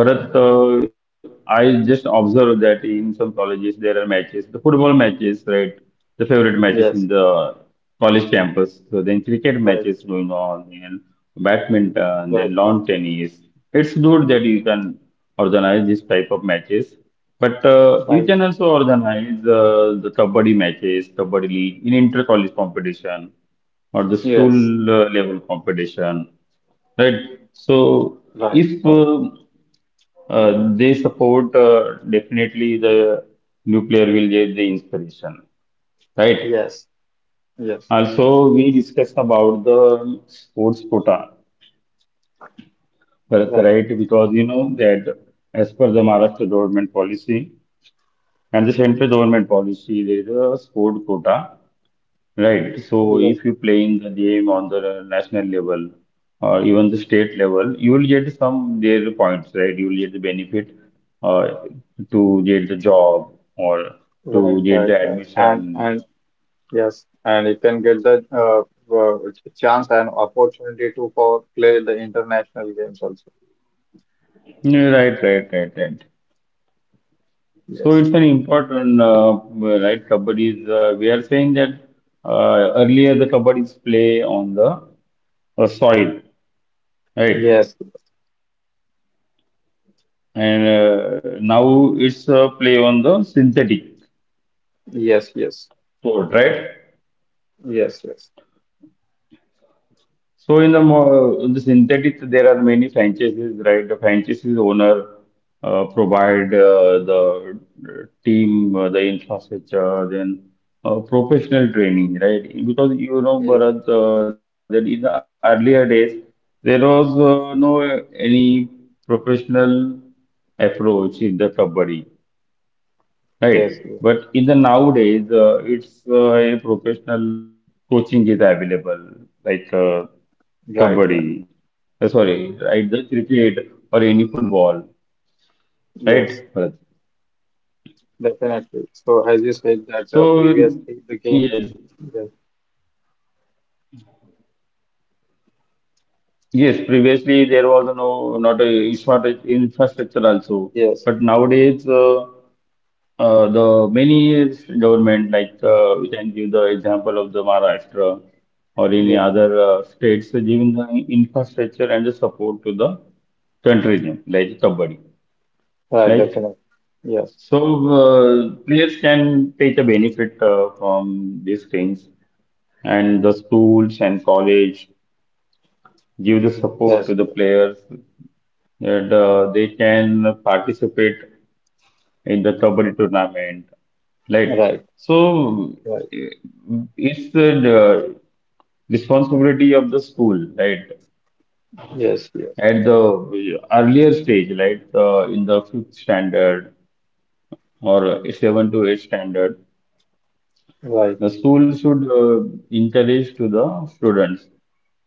S1: Bharat, I just observed that in some colleges there are matches, the football matches, right? The favorite matches in
S2: Yes.
S1: the college campus. So then cricket matches
S2: Right.
S1: going on, and badminton,
S2: Right.
S1: then
S2: Right.
S1: lawn tennis. It's good that you can organize this type of matches. But you
S2: Right.
S1: can also organize the kabaddi matches, kabaddi league in inter-college competition or the school
S2: Yes.
S1: level competition, right? So
S2: Right.
S1: if
S2: Right.
S1: uh, uh, they support, definitely the new player will get the inspiration, right?
S2: Yes. Yes.
S1: Also, we discussed about the sports quota, but-
S2: Right.
S1: right? Because you know that as per the Maharashtra government policy and the central government policy, there is a sport quota. Right. So
S2: Yes.
S1: if you playing the game on the national level or even the state level, you will get some their points, right? You will get the benefit uh, to get the job or
S2: Right.
S1: to get
S2: Right.
S1: the
S2: Right. And
S1: admission.
S2: and yes. And you can get the chance and opportunity to for play the international games also.
S1: Yeah. Right. So
S2: Yes.
S1: it's an important, right? Kabaddi is, we are saying that earlier the kabaddi is play on the soil, right?
S2: Yes.
S1: And now it's play on the synthetic
S2: Yes. Yes.
S1: court, right?
S2: Yes, yes.
S1: So in the synthetic, there are many franchises, right? The franchises owner provide the team, the infrastructure, then professional training, right? Because you know,
S2: Ye-
S1: Bharat, that in the earlier days there was no any professional approach in the kabaddi.
S2: Yes,
S1: Right.
S2: yes,
S1: But in the nowadays, it's a professional coaching is available, like
S2: right, right.
S1: kabaddi. Sorry, right? The cricket or any football,
S2: Yes,
S1: right? Bharat?
S2: definitely. So as you said that
S1: So
S2: previously the game,
S1: yes,
S2: yes,
S1: yes. Previously there was not a it's not a infrastructure also,
S2: yes,
S1: but nowadays. The many government, like we can give the example of the Maharashtra or any
S2: yes,
S1: other states, so giving the infrastructure and the support to the country team, like kabaddi.
S2: right,
S1: Like
S2: definitely. Yes,
S1: so, players can take benefit from these things, and the schools and college give the support
S2: yes,
S1: to the
S2: yes,
S1: players that they can participate in the Kabaddi tournament, right?
S2: right,
S1: So
S2: right.
S1: eh, it's the responsibility of the school, right?
S2: Yes, yes,
S1: At the earlier stage, like in the fifth standard or seven to eight standard,
S2: right.
S1: the school should encourage to the students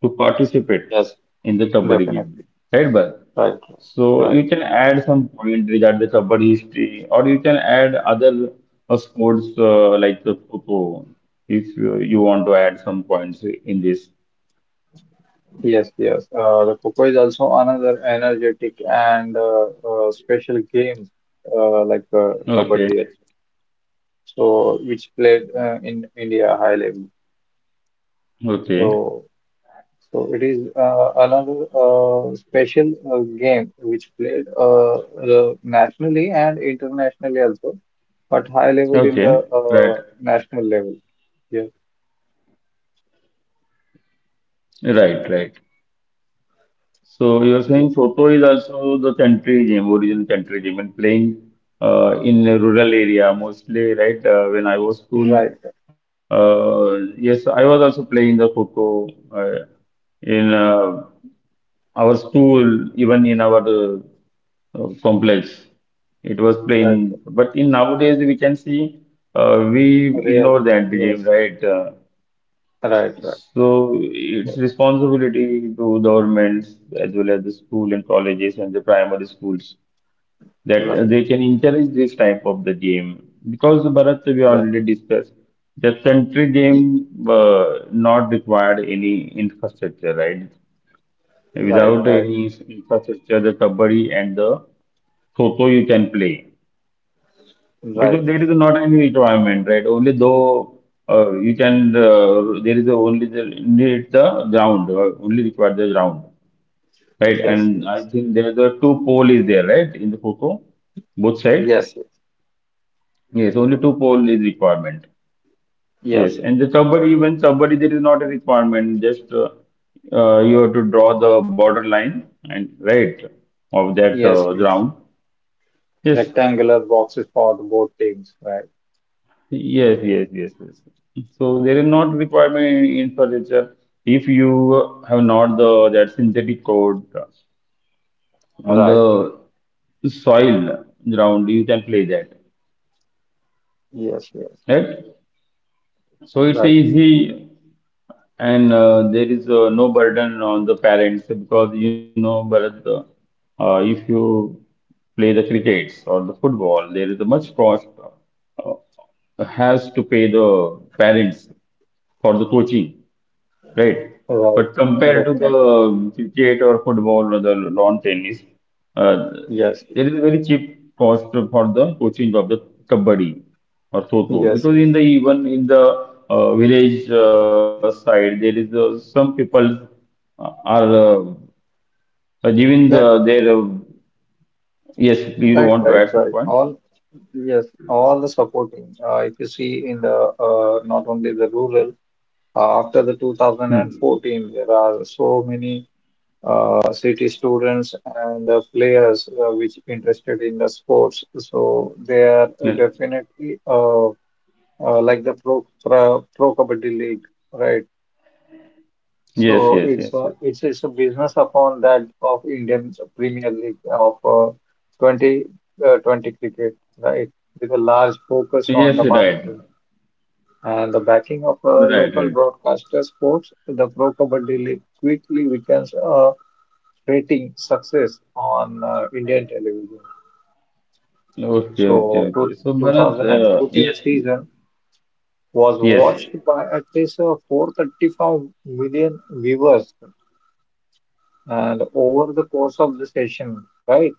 S1: to participate
S2: Yes,
S1: in the kabaddi game,
S2: definitely.
S1: right? But
S2: Right,
S1: so
S2: right.
S1: you can add some point regarding the kabaddi history, or you can add other sports like the kho if you want to add some points in this.
S2: Yes, yes. The Coco is also another energetic and special game like
S1: Okay,
S2: Kabaddi also. So which played in India high level.
S1: okay,
S2: So. So it is another special game which played nationally and internationally also, but high level in the
S1: okay, right,
S2: national level. Yes,
S1: right, right. So you're saying
S2: yes,
S1: Choto is also the country game, original country game, and playing in a rural area mostly, right? When I was school,
S2: right,
S1: uh, yes, I was also playing the Choto uh, in our school, even in our complex. It was
S2: right,
S1: playing, but in nowadays we can see we
S2: real,
S1: ignore the anti game,
S2: yes,
S1: right?
S2: right, right,
S1: So it's
S2: right,
S1: responsibility to governments as well as the school and colleges and the primary schools that
S2: right,
S1: they can encourage this type of the game because Bharat we
S2: right,
S1: already discussed the country game
S2: y-
S1: not required any infrastructure right
S2: right,
S1: without
S2: right,
S1: any infrastructure the kabaddi and the kho you can play
S2: right,
S1: because there is not any requirement, right? Only though there is only the need the ground, only required the ground, right?
S2: yes,
S1: And I
S2: yes,
S1: think there is a two pole is there, right, in the photo, both side.
S2: yes, yes,
S1: Yes, only two pole is requirement. Yes,
S2: yes,
S1: and the subway even subway there is not a requirement. Just you have to draw the border line and right of that
S2: yes, yes.
S1: ground. Yes,
S2: Rectangular boxes for the both teams, right,
S1: yes, So there is not requirement in furniture if you have not the that synthetic coat on
S2: right,
S1: the soil ground, you can play that,
S2: yes, yes,
S1: right? So it's
S2: right,
S1: easy and there is no burden on the parents because you know, Bharat, if you play the crickets or the football, there is a much cost uh, has to pay the parents for the coaching. Right.
S2: right,
S1: But compared to
S2: definitely.
S1: the cricket or football or the lawn tennis, uh,
S2: Yes,
S1: there is a very cheap cost for the coaching of the kabaddi or so-so.
S2: yes,
S1: Because
S2: yes.
S1: in the even in the village side, there is some people are giving
S2: Yeah,
S1: their yes. Do you
S2: right,
S1: want
S2: right,
S1: to add
S2: right.
S1: some point?
S2: All, yes, all the supporting. If you see in the not only the rural, after the
S1: Hmm.
S2: 2014, there are so many city students and players which interested in the sports. So they are
S1: Yes,
S2: definitely like the pro Kabaddi League, right? So
S1: yes,
S2: it's
S1: yes,
S2: a
S1: yes.
S2: it's it's a business upon that of Indian Premier League of 20 20 cricket, right? With a large focus on the
S1: Yes,
S2: marketing
S1: right.
S2: and the backing of local
S1: Right, right.
S2: broadcaster sports, the Pro Kabaddi League quickly becomes a rating success on Indian television.
S1: Okay, okay,
S2: So
S1: okay. So, Bharat, yes,
S2: 2014 season was
S1: yes,
S2: watched by at least 435 million viewers and over the course of the session, right?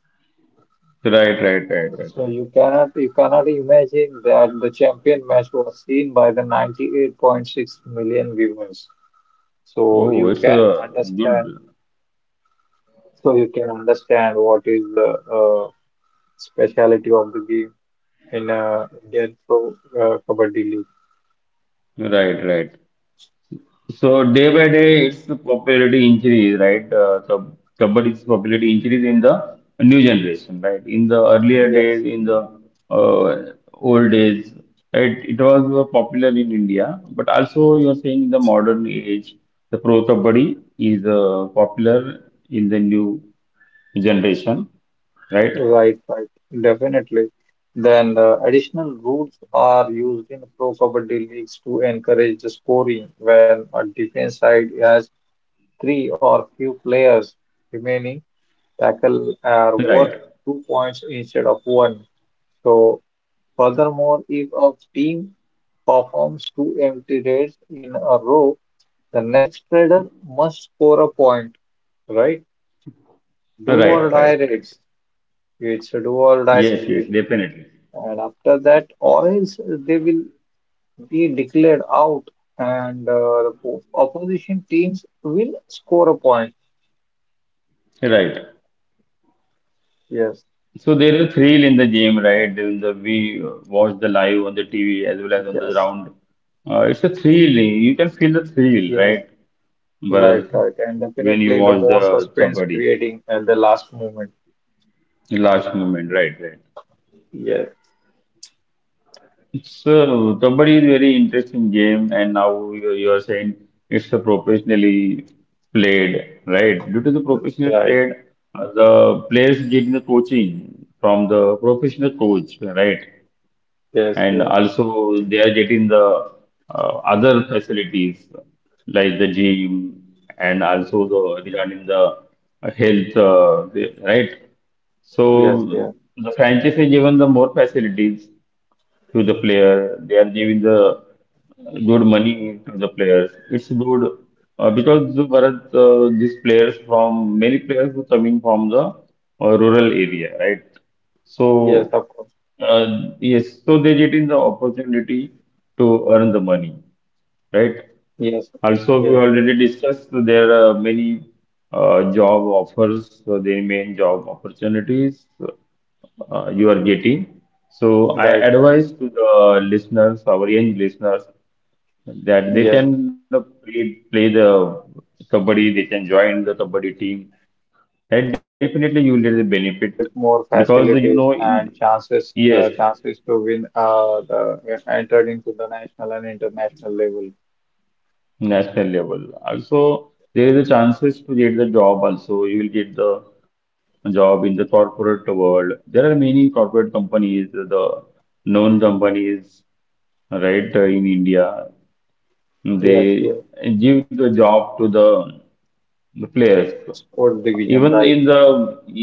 S1: right, right, right, right,
S2: So
S1: right.
S2: you cannot imagine that the champion match was seen by the 98.6 million viewers. So
S1: Oh, it's
S2: you can
S1: a good.
S2: understand. So you can understand what is the uh, speciality of the game in Indian Pro Kabaddi League.
S1: Right, right. So day by day, it's the popularity increase, right? So Kabbadi's popularity increase in the new generation, right? In the earlier
S2: Yes,
S1: days, in the old days, right? It was popular in India, but also you're saying in the modern age, the pro Kabbadi is popular in the new generation, right?
S2: right, right, definitely. Then additional rules are used in Pro Kabaddi leagues to encourage the scoring when a defense side has three or few players remaining tackle are
S1: Right,
S2: worth 2 points instead of one. So, furthermore, if a team performs two empty raids in a row, the next raider must score a point, right? Do or
S1: right, right,
S2: die
S1: right.
S2: raids. It's a do or die
S1: Yes, yes,
S2: situation.
S1: definitely.
S2: And after that, or else they will be declared out, and the opposition teams will score a point.
S1: Right.
S2: Yes,
S1: So there is a thrill in the game, right? There is the we watch the live on the TV as well as on the
S2: yes.
S1: ground. It's a thrill. You can feel the thrill,
S2: Yes,
S1: right, Bharat,
S2: right, right. And
S1: when you
S2: definitely the
S1: watch the
S2: more suspense
S1: kabaddi
S2: creating at the last moment.
S1: the last moment, right, right.
S2: Yes,
S1: So kabaddi is very interesting game, and now you are saying it's a professionally played, right? Due to the professional
S2: right.
S1: played, the players getting the coaching from the professional coach, right?
S2: Yes,
S1: And
S2: yes,
S1: also they are getting the other facilities like the gym and also the regarding the health right so
S2: yes, yes,
S1: the franchise is given the more facilities to the player. They are giving the good money to the players. It's good because the Bharat, these players from many players who coming from the rural area, right?
S2: yes,
S1: So
S2: of course.
S1: yes, so they getting the opportunity to earn the money, right?
S2: Yes,
S1: Also, we
S2: yes,
S1: already discussed there are many job offers, so the main job opportunities you are getting. So I
S2: right, right.
S1: advise to the listeners, our young listeners, that they
S2: Yes,
S1: can play the kabaddi, they can join the kabaddi team, and definitely you
S2: right,
S1: will get the
S2: right. And they
S1: benefit
S2: can get more
S1: because you know
S2: facilities
S1: in
S2: and chances,
S1: yes
S2: chances to win, the entered into the national and international level.
S1: national level also there is a chances to get the job also you will get the job in the corporate world there are many corporate companies the known companies right in India
S2: Yes, yes.
S1: they give the job to the players.
S2: Sports division,
S1: Even
S2: right.
S1: in the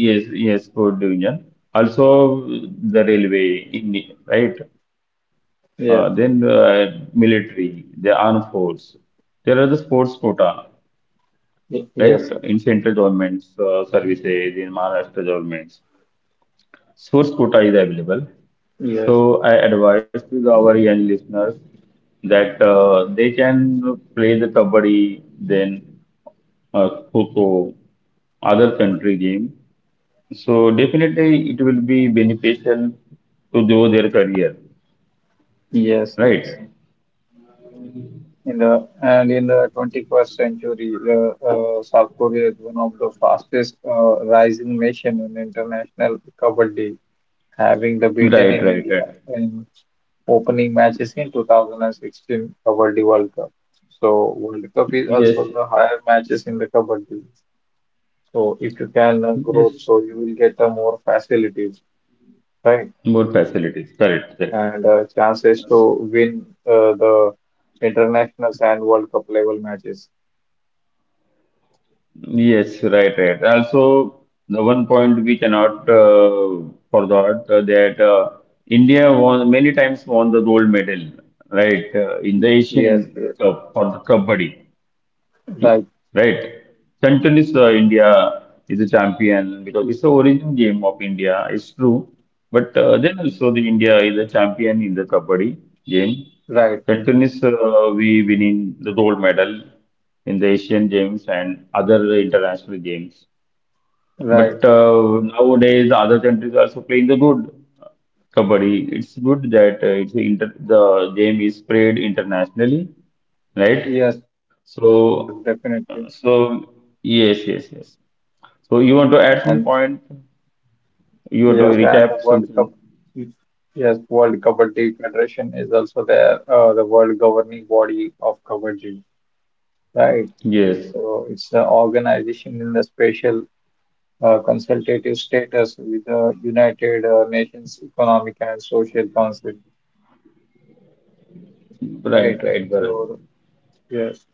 S1: food division, also the railway in right. Then
S2: Yes,
S1: military, the armed force. There are the sports quota, right? In
S2: yes,
S1: central governments services, in Maharashtra governments, sports quota is available. So
S2: yes,
S1: I advise to the- our young listeners that they can play the kabaddi, then uh, Coco, other country game. So definitely it will be beneficial to grow their career,
S2: yes, yes.
S1: right?
S2: In the 21st century, the South Korea is one of the fastest rising nation in international Kabaddi, having the beaten
S1: Right,
S2: in
S1: right,
S2: India
S1: right.
S2: in opening matches in 2016 Kabaddi World Cup. So World Cup is
S1: Yes,
S2: also the higher matches in the Kabaddi. So if you can
S1: yes,
S2: grow, so you will get more facilities, right?
S1: more facilities. Correct, correct.
S2: And chances to win the internationals and World Cup level matches.
S1: Yes, right, right. Also, the one point we cannot forgot that India won many times won the gold medal, right, in the Asian
S2: Yes, yes.
S1: Cup for the Kabaddi.
S2: Right,
S1: Right. Centralist India is a champion because it's the origin game of India. It's true. But then also the India is a champion in the Kabaddi game.
S2: right,
S1: Centralist, we winning the gold medal in the Asian Games and other international games.
S2: right.
S1: But nowadays, the other countries are also playing the good uh, Kabaddi. It's good that it's inter the game is spread internationally, right?
S2: Yes, yes, yes,
S1: So,
S2: definitely.
S1: so yes, yes, yes. So you want to add some
S2: And
S1: point? You want to
S2: yes, and the
S1: recap
S2: World Cup,
S1: something?
S2: yes, World Kabaddi Federation is also there, the world governing body of Kabaddi, right?
S1: Yes,
S2: So it's an organization in the special consultative status with the United Nations Economic and Social Council,
S1: right,
S2: right?
S1: right, Bharat.
S2: So yes,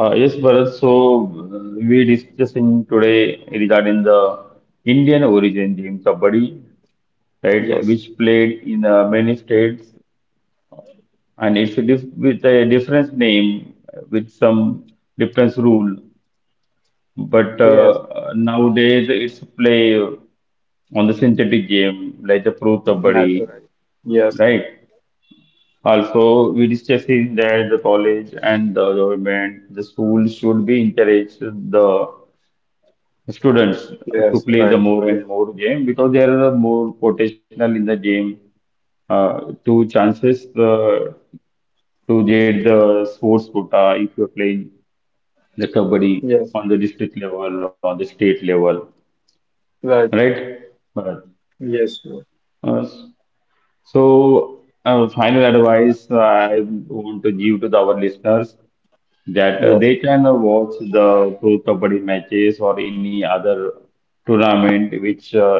S1: Yes, Bharat. So we discussing today regarding the Indian origin game kabaddi, right,
S2: yes,
S1: which played in many states and it's a different name with some different rule. But
S2: yes,
S1: nowadays it's play on the synthetic game like the Pro
S2: that
S1: Kabaddi,
S2: right. Yes,
S1: right? Also, we discussing that the college and the government, the school should be encourage the students to
S2: yes,
S1: play
S2: right,
S1: the more
S2: yes,
S1: and more game because there are more potential in the game uh, to chances to get the sports quota if you're playing the kabaddi
S2: yes,
S1: on the district level or the state level.
S2: right.
S1: Right? But
S2: Yes, yes,
S1: uh, so final advice I want to give to the- our listeners that
S2: yes,
S1: they can watch the pro kabaddi matches or any other tournament which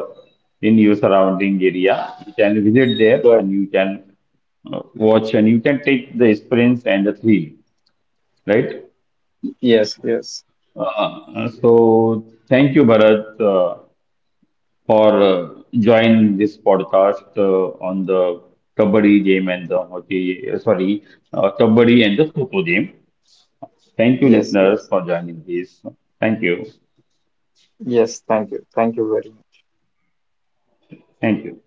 S1: in your surrounding area. You can visit there
S2: but
S1: and you can watch and you can take the experience and the thrill, right?
S2: yes, yes,
S1: So thank you, Bharat. For join this podcast on the Kabaddi game and the hockey, sorry, Kabaddi and the Kho game. Thank you,
S2: yes,
S1: listeners,
S2: yes,
S1: for joining this. Thank you.
S2: yes. Thank you very much.
S1: Thank you.